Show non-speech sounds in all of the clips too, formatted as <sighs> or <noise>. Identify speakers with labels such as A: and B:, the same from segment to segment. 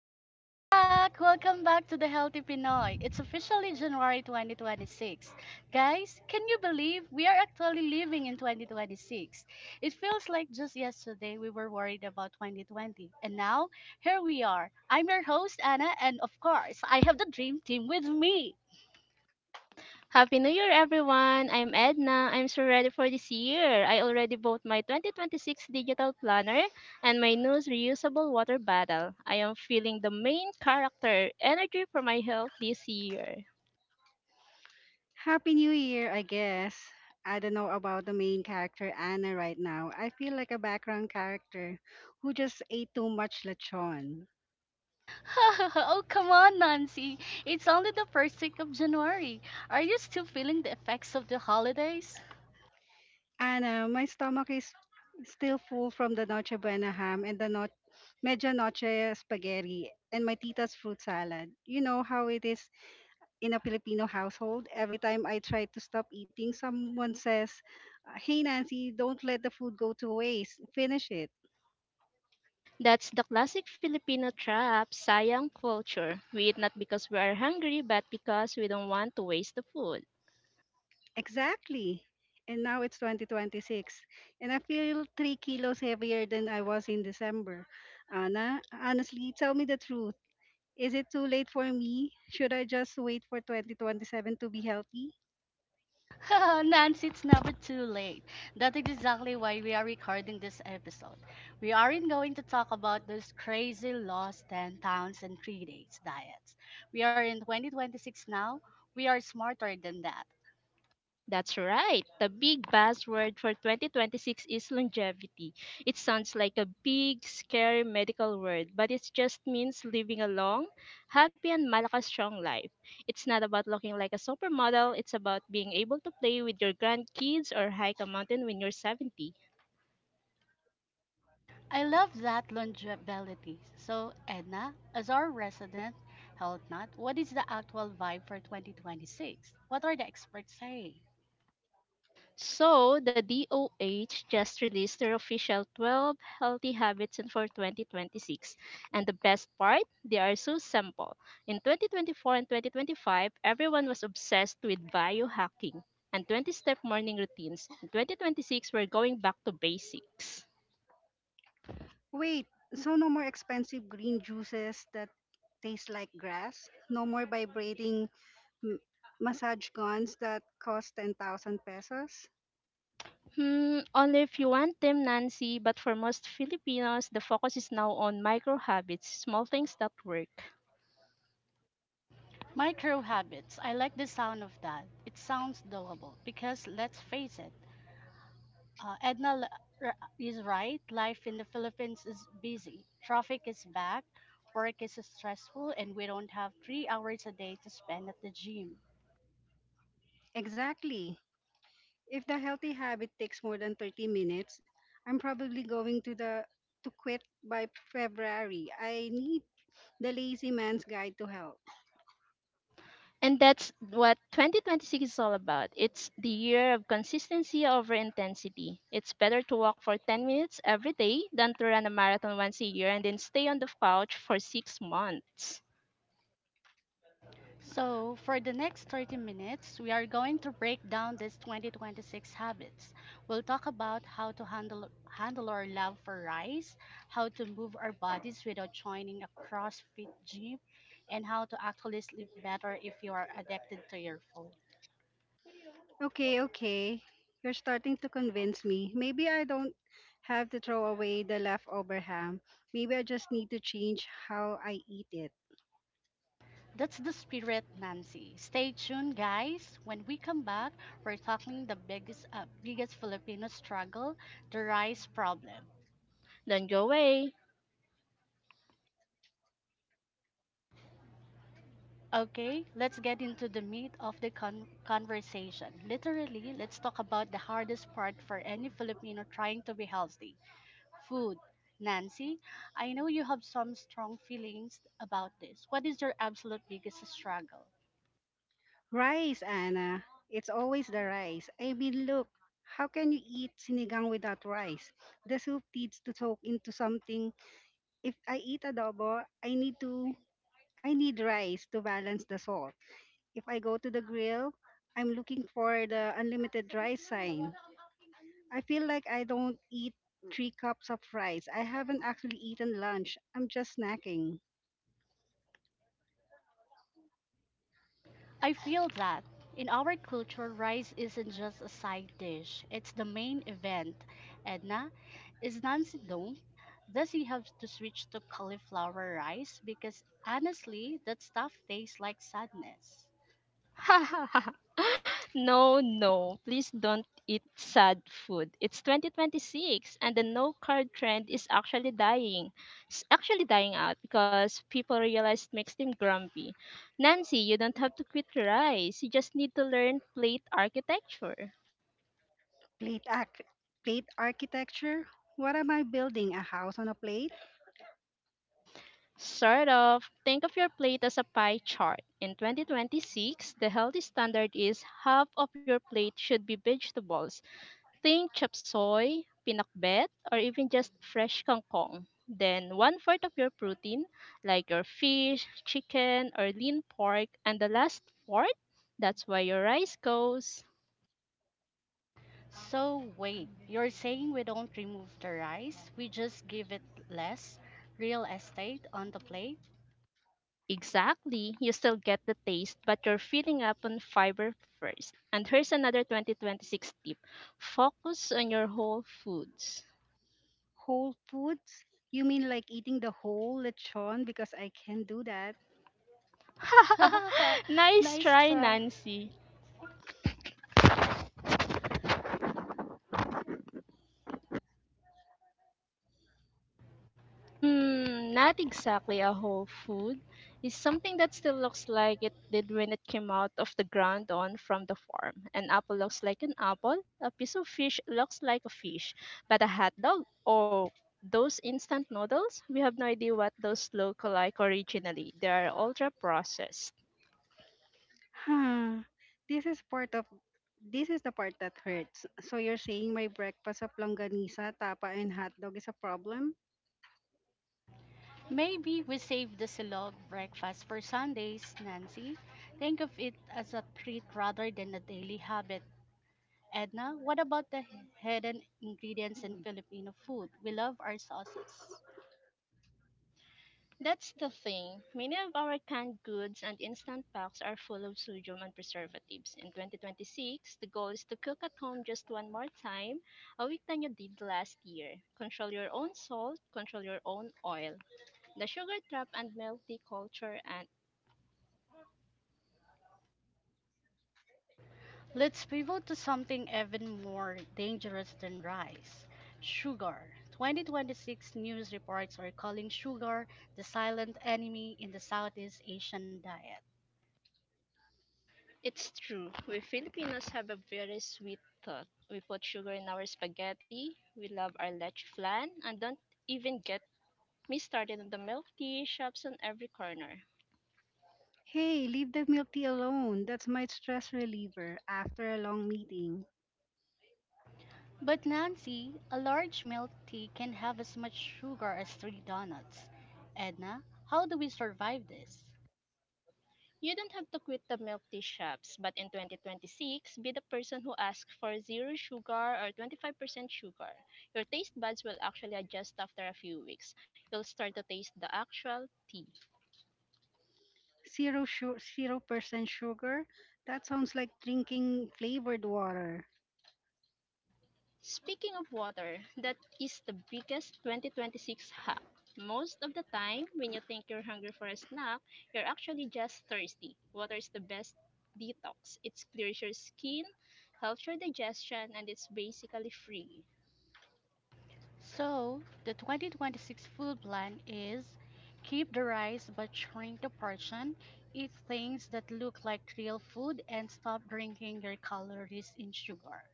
A: Welcome back! Welcome back to the Healthy Pinoy. It's officially January 2026. Guys, can you believe we are actually living in 2026? It feels like just yesterday we were worried about 2020, and now here we are. I'm your host, Anna, and of course, I have the dream team with me.
B: Happy New Year, everyone! I'm Edna. I'm so ready for this year. I already bought my 2026 digital planner and my new reusable water bottle. I am feeling the main character energy for my health this year.
C: Happy New Year, I guess. I don't know about the main character, Anna, right now. I feel like a background character who just ate too much lechon.
A: <laughs> Oh, come on, Nancy. It's only the first week of January. Are you still feeling the effects of the holidays?
C: Anna, my stomach is still full from the noche buena ham and the medyo noche spaghetti and my tita's fruit salad. You know how it is in a Filipino household? Every time I try to stop eating, someone says, "Hey, Nancy, don't let the food go to waste. Finish it."
B: That's the classic Filipino trap, sayang culture. We eat not because we are hungry, but because we don't want to waste the food.
C: Exactly. And now it's 2026, and I feel 3 kilos heavier than I was in December. Anna, honestly, tell me the truth. Is it too late for me? Should I just wait for 2027 to be healthy?
A: <laughs> Nancy, it's never too late. That is exactly why we are recording this episode. We aren't going to talk about those crazy lost 10 pounds and 3 days diets. We are in 2026 now. We are smarter than that.
B: That's right. The big buzzword for 2026 is longevity. It sounds like a big, scary medical word, but it just means living a long, happy, and malakas strong life. It's not about looking like a supermodel, it's about being able to play with your grandkids or hike a mountain when you're 70.
A: I love that longevity. So, Edna, as our resident health nut, what is the actual vibe for 2026? What are the experts saying?
B: So, the DOH just released their official 12 healthy habits and for 2026. And the best part, they are so simple. In 2024 and 2025, everyone was obsessed with biohacking and 20 step morning routines. In 2026, we're going back to basics.
C: Wait, so no more expensive green juices that taste like grass? No more vibrating m- massage guns that cost 10,000 pesos?
B: Hmm, only if you want them, Nancy, but for most Filipinos, the focus is now on micro habits, small things that work.
A: Micro habits. I like the sound of that. It sounds doable because let's face it, Edna is right. Life in the Philippines is busy. Traffic is back. Work is stressful, and we don't have 3 hours a day to spend at the gym.
C: Exactly. If the healthy habit takes more than 30 minutes, I'm probably going to quit by February. I need the lazy man's guide to health.
B: And that's what 2026 is all about. It's the year of consistency over intensity. It's better to walk for 10 minutes every day than to run a marathon once a year and then stay on the couch for 6 months.
A: So, for the next 30 minutes, we are going to break down these 2026 habits. We'll talk about how to handle our love for rice, how to move our bodies without joining a CrossFit gym, and how to actually sleep better if you are addicted to your phone.
C: Okay, okay. You're starting to convince me. Maybe I don't have to throw away the leftover ham. Maybe I just need to change how I eat it.
A: That's the spirit, Nancy. Stay tuned, guys. When we come back, we're tackling the biggest Filipino struggle, the rice problem.
B: Don't go away.
A: Okay, let's get into the meat of the conversation. Literally, let's talk about the hardest part for any Filipino trying to be healthy food. Nancy, I know you have some strong feelings about this. What is your absolute biggest struggle?
C: Rice, Anna. It's always the rice. Look, how can you eat sinigang without rice? The soup needs to soak into something. If I eat adobo, I need rice to balance the salt. If I go to the grill, I'm looking for the unlimited rice sign. I feel like I don't eat three cups of rice, I haven't actually eaten lunch. I'm just snacking.
A: I feel that in our culture, rice isn't just a side dish, it's the main event. Edna, is Nancy Dong? Does he have to switch to cauliflower rice? Because honestly, that stuff tastes like sadness.
B: <laughs> No, no, please don't eat sad food. It's 2026 and the no carb trend is actually dying. It's actually dying out because people realize it makes them grumpy. Nancy, you don't have to quit rice. You just need to learn plate architecture.
C: Plate ac- Plate architecture? What am I building? A house on a plate?
B: Sort of. Think of your plate as a pie chart. In 2026, the healthy standard is half of your plate should be vegetables. Think chop soy, pinakbet, or even just fresh kangkong. Then one fourth of your protein, like your fish, chicken, or lean pork, and the last fourth, that's where your rice goes.
A: So, wait, you're saying we don't remove the rice, we just give it less real estate on the plate?
B: Exactly, you still get the taste, but you're filling up on fiber first. And here's another 2026 tip, focus on your whole foods.
C: Whole foods? You mean like eating the whole lechon because I can do that?
A: <laughs>
B: <laughs> Nice
A: Nice
B: try,
A: try.
B: Nancy. Hmm, not exactly a whole food. It's something that still looks like it did when it came out of the ground on from the farm. An apple looks like an apple, a piece of fish looks like a fish, but a hot dog or those instant noodles, we have no idea what those look like originally. They are ultra processed.
C: Huh. This is part of this is the part that hurts. So you're saying my breakfast of longanisa, tapa, and hot dog is a problem?
A: Maybe we save the silog breakfast for Sundays, Nancy. Think of it as a treat rather than a daily habit. Edna, what about the hidden ingredients in Filipino food? We love our sauces.
B: That's the thing. Many of our canned goods and instant packs are full of sodium and preservatives. In 2026, the goal is to cook at home just one more time a week than you did last year. Control your own salt, control your own oil. The sugar trap and melty culture, and
A: Let's pivot to something even more dangerous than rice sugar. 2026 news reports are calling sugar the silent enemy in the Southeast Asian diet.
B: it's true. We Filipinos have a very sweet tooth. We put sugar in our spaghetti, we love our leche flan, and don't even get me started on the milk tea shops on every corner.
C: Hey, leave the milk tea alone. That's my stress reliever after a long meeting.
A: But Nancy, a large milk tea can have as much sugar as three donuts. Edna, how do we survive this?
B: You don't have to quit the milk tea shops, but in 2026, be the person who asks for zero sugar or 25% sugar. Your taste buds will actually adjust after a few weeks. You'll start to taste the actual tea.
C: 0% sugar. That sounds like drinking flavored water.
B: Speaking of water, that is the biggest 2026 hack. Most of the time, when you think you're hungry for a snack, you're actually just thirsty. Water is the best detox. It clears your skin, helps your digestion, and it's basically free.
A: So, the 2026 food plan is keep the rice but shrink the portion, eat things that look like real food, and stop drinking your calories in sugar.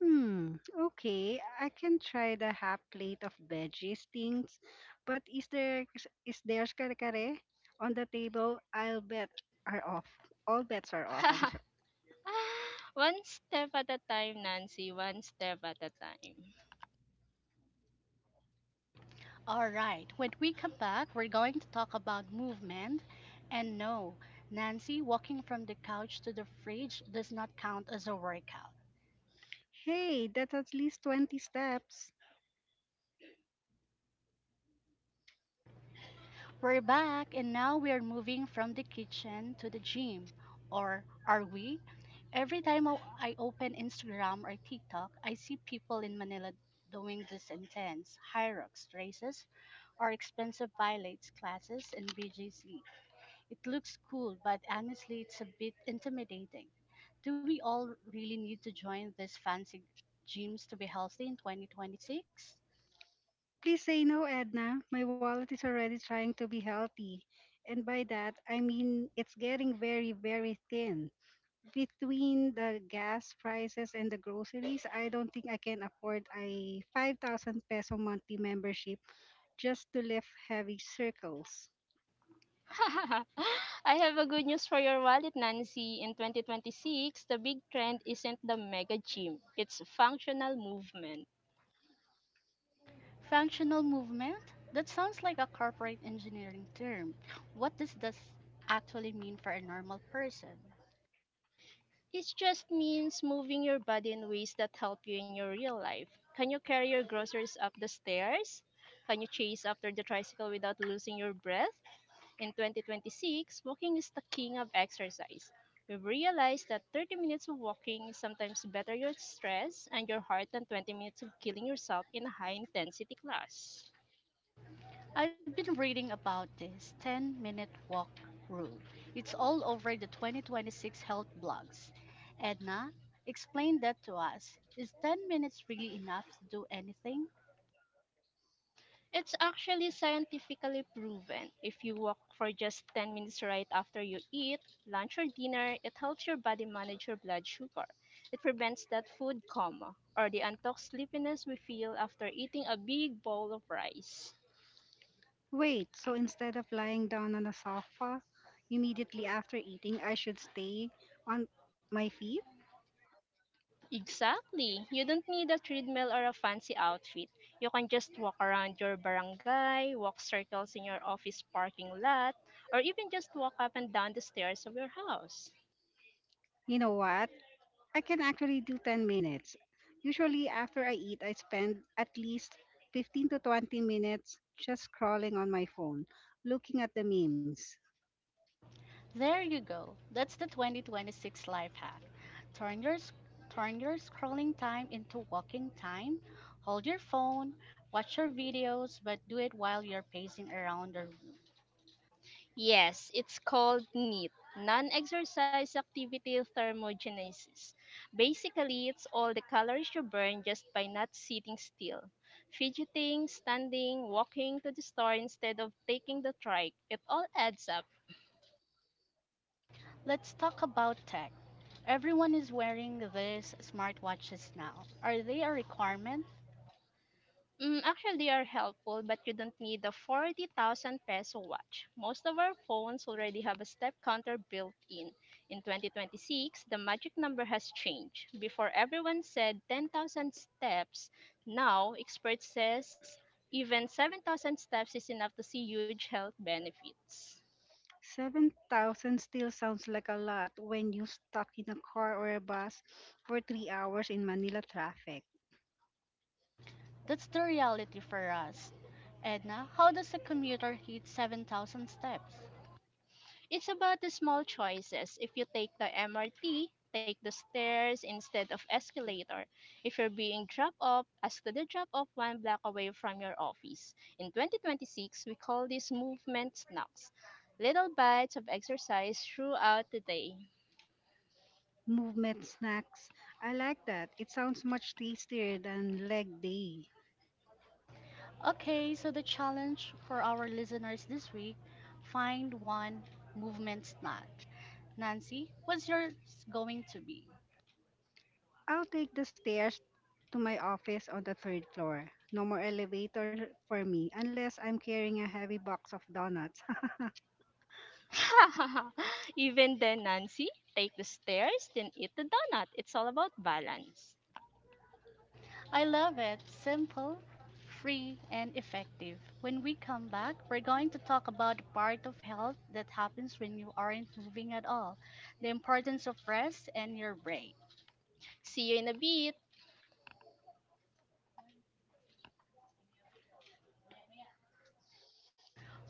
C: Hmm, okay. I can try the half plate of veggies things, but is there kare kare on the table? I'll bet are off. All bets are off. I'm sorry.
B: <laughs> <sighs> <laughs> One step at a time, Nancy. One step at a time.
A: All right, when we come back, we're going to talk about movement. And no, Nancy, walking from the couch to the fridge does not count as a workout.
C: Hey, that's at least 20 steps.
A: We're back, and now we are moving from the kitchen to the gym. Or are we? Every time I open Instagram or TikTok, I see people in Manila doing these intense high rocks races or expensive violates classes in BGC. It looks cool, but honestly, it's a bit intimidating. Do we all really need to join these fancy gyms to be healthy in 2026?
C: Please say no, Edna. My wallet is already trying to be healthy. And by that, I mean it's getting very, very thin. Between the gas prices and the groceries, I don't think I can afford a 5,000 peso monthly membership just to lift heavy circles.
B: <laughs> I have a good news for your wallet, Nancy. In 2026, the big trend isn't the mega gym, it's functional movement.
A: Functional movement? That sounds like a corporate engineering term. What does this actually mean for a normal person?
B: It just means moving your body in ways that help you in your real life. Can you carry your groceries up the stairs? Can you chase after the tricycle without losing your breath? In 2026, walking is the king of exercise. We've realized that 30 minutes of walking is sometimes better your stress and your heart than 20 minutes of killing yourself in a high intensity class.
A: I've been reading about this 10-minute walk rule. It's all over the 2026 health blogs. Edna, explain that to us. Is 10 minutes really enough to do anything?
B: It's actually scientifically proven. If you walk for just 10 minutes right after you eat, lunch or dinner, it helps your body manage your blood sugar. It prevents that food coma or the untalked sleepiness we feel after eating a big bowl of rice.
C: Wait, so instead of lying down on a sofa immediately after eating, I should stay on my feet?
B: Exactly. You don't need a treadmill or a fancy outfit. You can just walk around your barangay, walk circles in your office parking lot, or even just walk up and down the stairs of your house.
C: You know what? I can actually do 10 minutes. Usually, after I eat, I spend at least 15 to 20 minutes just scrolling on my phone, looking at the memes.
A: There you go. That's the 2026 life hack. Turn your sc- turn your scrolling time into walking time. Hold your phone, watch your videos, but do it while you're pacing around the room.
B: Yes, it's called NEAT, non-exercise activity thermogenesis. Basically, it's all the calories you burn just by not sitting still. Fidgeting, standing, walking to the store instead of taking the trike, it all adds up.
A: Let's talk about tech. Everyone is wearing these smartwatches now. Are they a requirement?
B: Mm, actually, they are helpful, but you don't need the 40,000 peso watch. Most of our phones already have a step counter built in. In 2026, the magic number has changed. Before everyone said 10,000 steps, now experts says even 7,000 steps is enough to see huge health benefits.
C: 7,000 still sounds like a lot when you're stuck in a car or a bus for 3 hours in Manila traffic.
A: That's the reality for us. Edna, how does a commuter hit 7,000 steps?
B: It's about the small choices. If you take the MRT, take the stairs instead of escalator. If you're being dropped off, ask to the drop off one block away from your office. In 2026, we call this movement snacks. Little bites of exercise throughout the day.
C: Movement snacks. I like that. It sounds much tastier than leg day.
A: Okay, so the challenge for our listeners this week, find one movement snack. Nancy, what's yours going to be?
C: I'll take the stairs to my office on the third floor. No more elevator for me unless I'm carrying a heavy box of donuts. <laughs>
B: <laughs> Even then, Nancy, take the stairs, then eat the donut. It's all about balance.
A: I love it. Simple, free, and effective. When we come back, we're going to talk about the part of health that happens when you aren't moving at all, the importance of rest and your brain.
B: See you in a bit.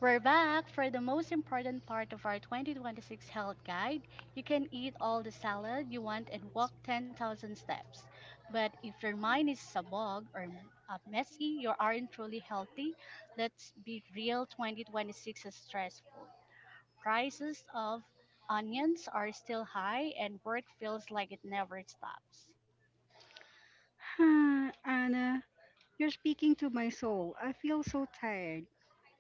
A: We're back for the most important part of our 2026 health guide. You can eat all the salad you want and walk 10,000 steps. But if your mind is sabog or messy, you aren't truly healthy. Let's be real, 2026 is stressful. Prices of onions are still high and work feels like it never stops.
C: Ah, Anna, you're speaking to my soul. I feel so tired.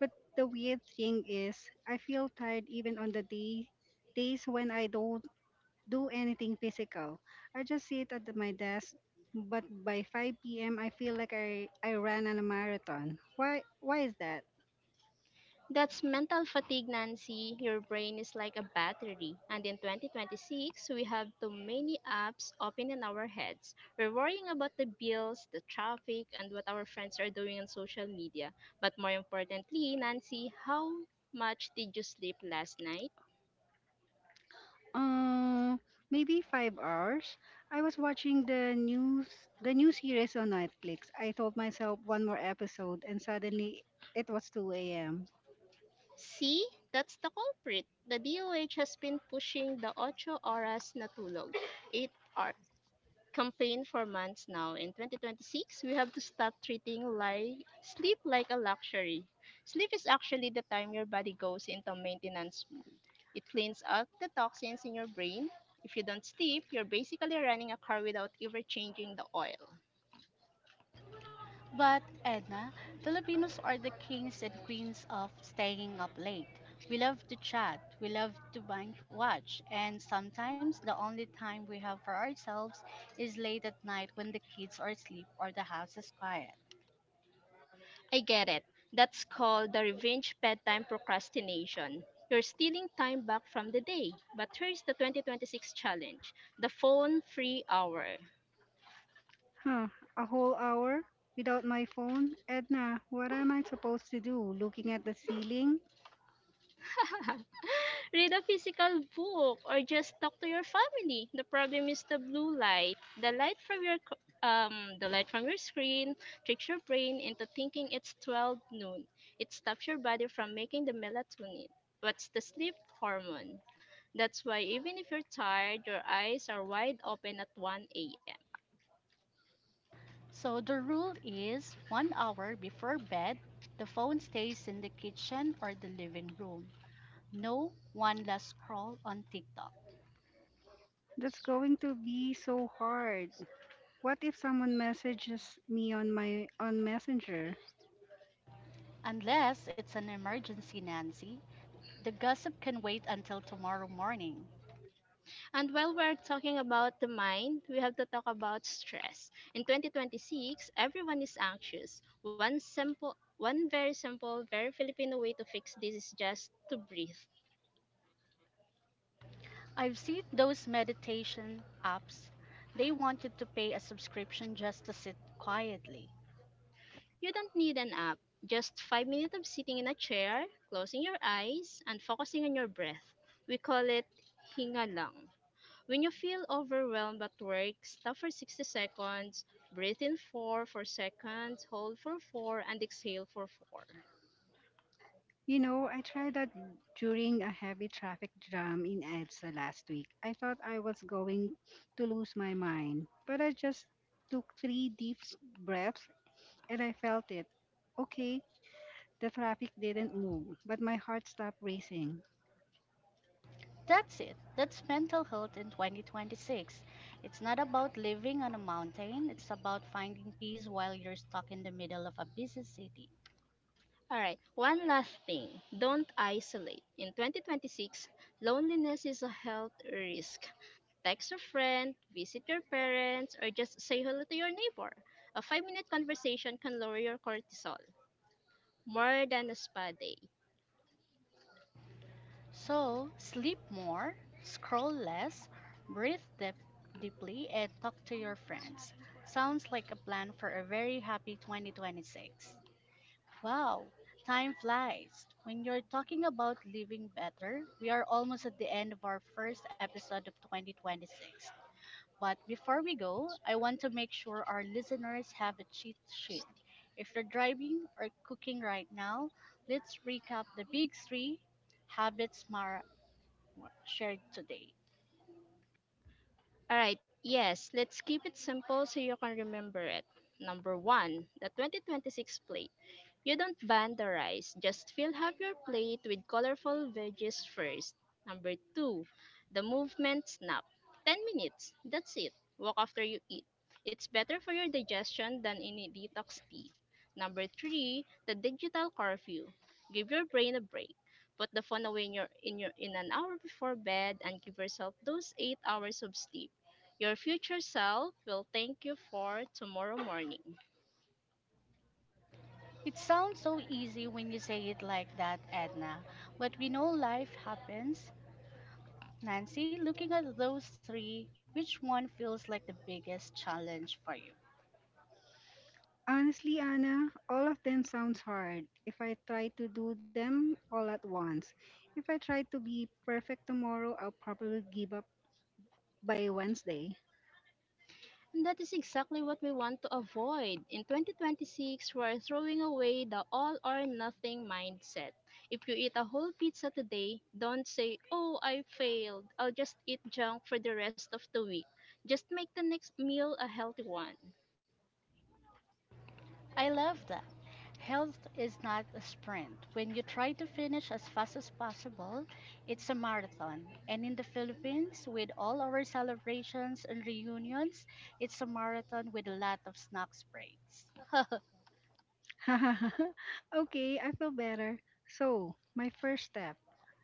C: But the weird thing is, I feel tired even on days when I don't do anything physical. I just sit at my desk, but by 5 p.m. I feel like I ran on a marathon. Why is that?
B: That's mental fatigue, Nancy. Your brain is like a battery. And in 2026, we have too many apps open in our heads. We're worrying about the bills, the traffic, and what our friends are doing on social media. But more importantly, Nancy, how much did you sleep last night?
C: Uh, maybe 5 hours. I was watching the new series on Netflix. I told myself one more episode and suddenly it was 2 a.m.
B: See, that's the culprit. The DOH has been pushing the 8 horas na tulog, 8 campaign for months now. In 2026, we have to stop treating like sleep like a luxury. Sleep is actually the time your body goes into maintenance mode. It cleans out the toxins in your brain. If you don't sleep, you're basically running a car without ever changing the oil.
A: But Edna, Filipinos are the kings and queens of staying up late. We love to chat, we love to binge watch, and sometimes the only time we have for ourselves is late at night when the kids are asleep or the house is quiet.
B: I get it. That's called the revenge bedtime procrastination. You're stealing time back from the day. But here's the 2026 challenge, the phone free hour.
C: Huh, a whole hour without my phone? Edna, what am I supposed to do? Looking at the ceiling?
B: Read a physical book or just talk to your family. The problem is the blue light. The light from your the light from your screen tricks your brain into thinking it's 12 noon. It stops your body from making the melatonin. What's the sleep hormone? That's why even if you're tired, your eyes are wide open at 1 a.m.
A: So the rule is 1 hour before bed, the phone stays in the kitchen or the living room. No one last scroll on TikTok.
C: That's going to be so hard. What if someone messages me on my on Messenger?
A: Unless it's an emergency, Nancy. The gossip can wait until tomorrow morning.
B: And while we're talking about the mind, we have to talk about stress. In 2026, everyone is anxious. One simple, one very simple, very Filipino way to fix this is just to breathe.
A: I've seen those meditation apps. They want you to pay a subscription just to sit quietly.
B: You don't need an app. Just 5 minutes of sitting in a chair, closing your eyes, and focusing on your breath. We call it hinga lang. When you feel overwhelmed at work, stop for 60 seconds, breathe in 4 for seconds, hold for 4, and exhale for 4.
C: You know, I tried that during a heavy traffic jam in EDSA last week. I thought I was going to lose my mind, but I just took three deep breaths and I felt it. Okay, the traffic didn't move, but my heart stopped racing.
A: That's it. That's mental health in 2026. It's not about living on a mountain, it's about finding peace while you're stuck in the middle of a busy city.
B: All right, one last thing. Don't isolate. In 2026, loneliness is a health risk. Text a friend, visit your parents, or just say hello to your neighbor. A 5 minute conversation can lower your cortisol more than a spa day.
A: So, sleep more, scroll less, breathe deeply, and talk to your friends. Sounds like a plan for a very happy 2026. Wow, time flies. When you're talking about living better, we are almost at the end of our first episode of 2026. But before we go, I want to make sure our listeners have a cheat sheet. If you're driving or cooking right now, let's recap the big three habits Mara shared today.
B: All right, yes, let's keep it simple so you can remember it. Number one, the 2026 plate. You don't ban the rice, just fill half your plate with colorful veggies first. Number two, the movement snap. 10 minutes, that's it. Walk after you eat. It's better for your digestion than any detox tea. Number three, the digital curfew. Give your brain a break. Put the phone away in an hour before bed and give yourself those 8 hours of sleep. Your future self will thank you for tomorrow morning.
A: It sounds so easy when you say it like that, Edna, but we know life happens. Nancy, looking at those three, which one feels like the biggest challenge for you?
C: Honestly, Anna, all of them sounds hard if I try to do them all at once. If I try to be perfect tomorrow, I'll probably give up by Wednesday.
B: And that is exactly what we want to avoid. In 2026, we're throwing away the all or nothing mindset. If you eat a whole pizza today, don't say, "Oh, I failed. I'll just eat junk for the rest of the week." Just make the next meal a healthy one.
A: I love that. Health is not a sprint. When you try to finish as fast as possible, it's a marathon. And in the Philippines, with all our celebrations and reunions, it's a marathon with a lot of snacks breaks.
C: <laughs> Okay, I feel better. So, my first step,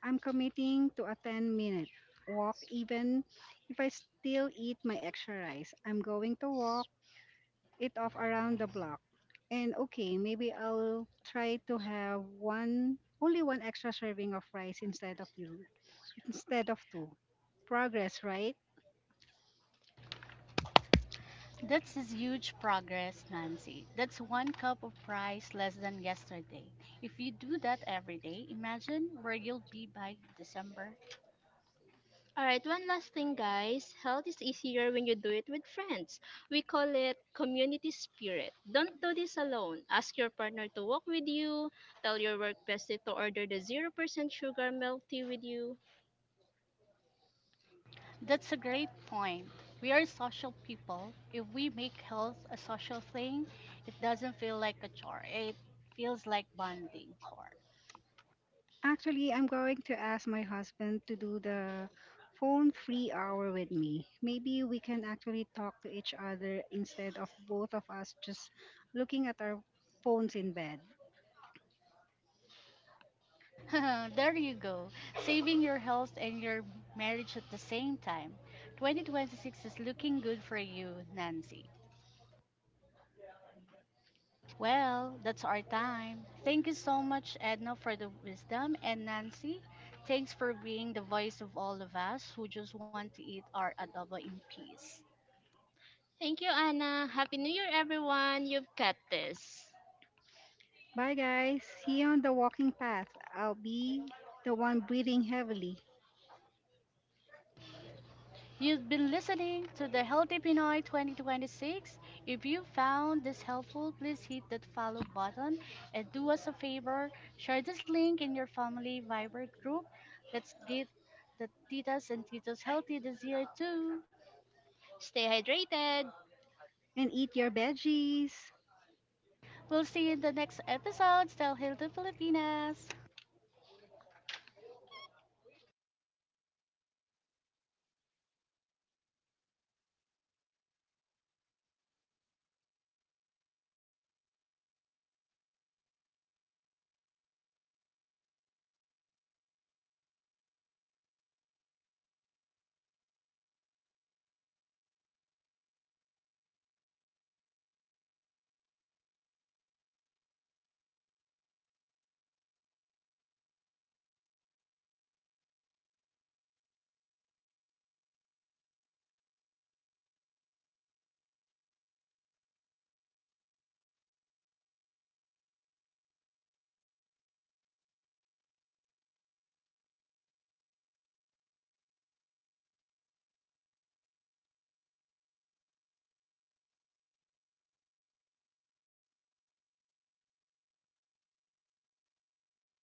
C: I'm committing to a 10-minute walk, even if I still eat my extra rice. I'm going to walk it off around the block. And okay, maybe I'll try to have one extra serving of rice instead of two. Progress, right?
A: That's a huge progress, Nancy. That's one cup of rice less than yesterday. If you do that every day, imagine where you'll be by December.
B: Alright, one last thing, guys. Health is easier when you do it with friends. We call it community spirit. Don't do this alone. Ask your partner to walk with you, tell your work bestie to order the 0% sugar milk tea with you.
A: That's a great point. We are social people. If we make health a social thing, it doesn't feel like a chore. It feels like bonding core.
C: Actually, I'm going to ask my husband to do the phone free hour with me. Maybe we can actually talk to each other instead of both of us just looking at our phones in bed.
A: <laughs> There you go. Saving your health and your marriage at the same time. 2026 is looking good for you, Nancy. Well, that's our time. Thank you so much, Edna, for the wisdom. And Nancy, thanks for being the voice of all of us who just want to eat our adobo in peace.
B: Thank you, Anna. Happy New Year, everyone. You've got this.
C: Bye, guys. See you on the walking path. I'll be the one breathing heavily.
A: You've been listening to the Healthy Pinoy 2026. If you found this helpful, please hit that follow button and do us a favor. Share this link in your family Viber group. Let's get the titas and titos healthy this year too.
B: Stay hydrated.
C: And eat your veggies.
A: We'll see you in the next episode. Stay healthy, Filipinas.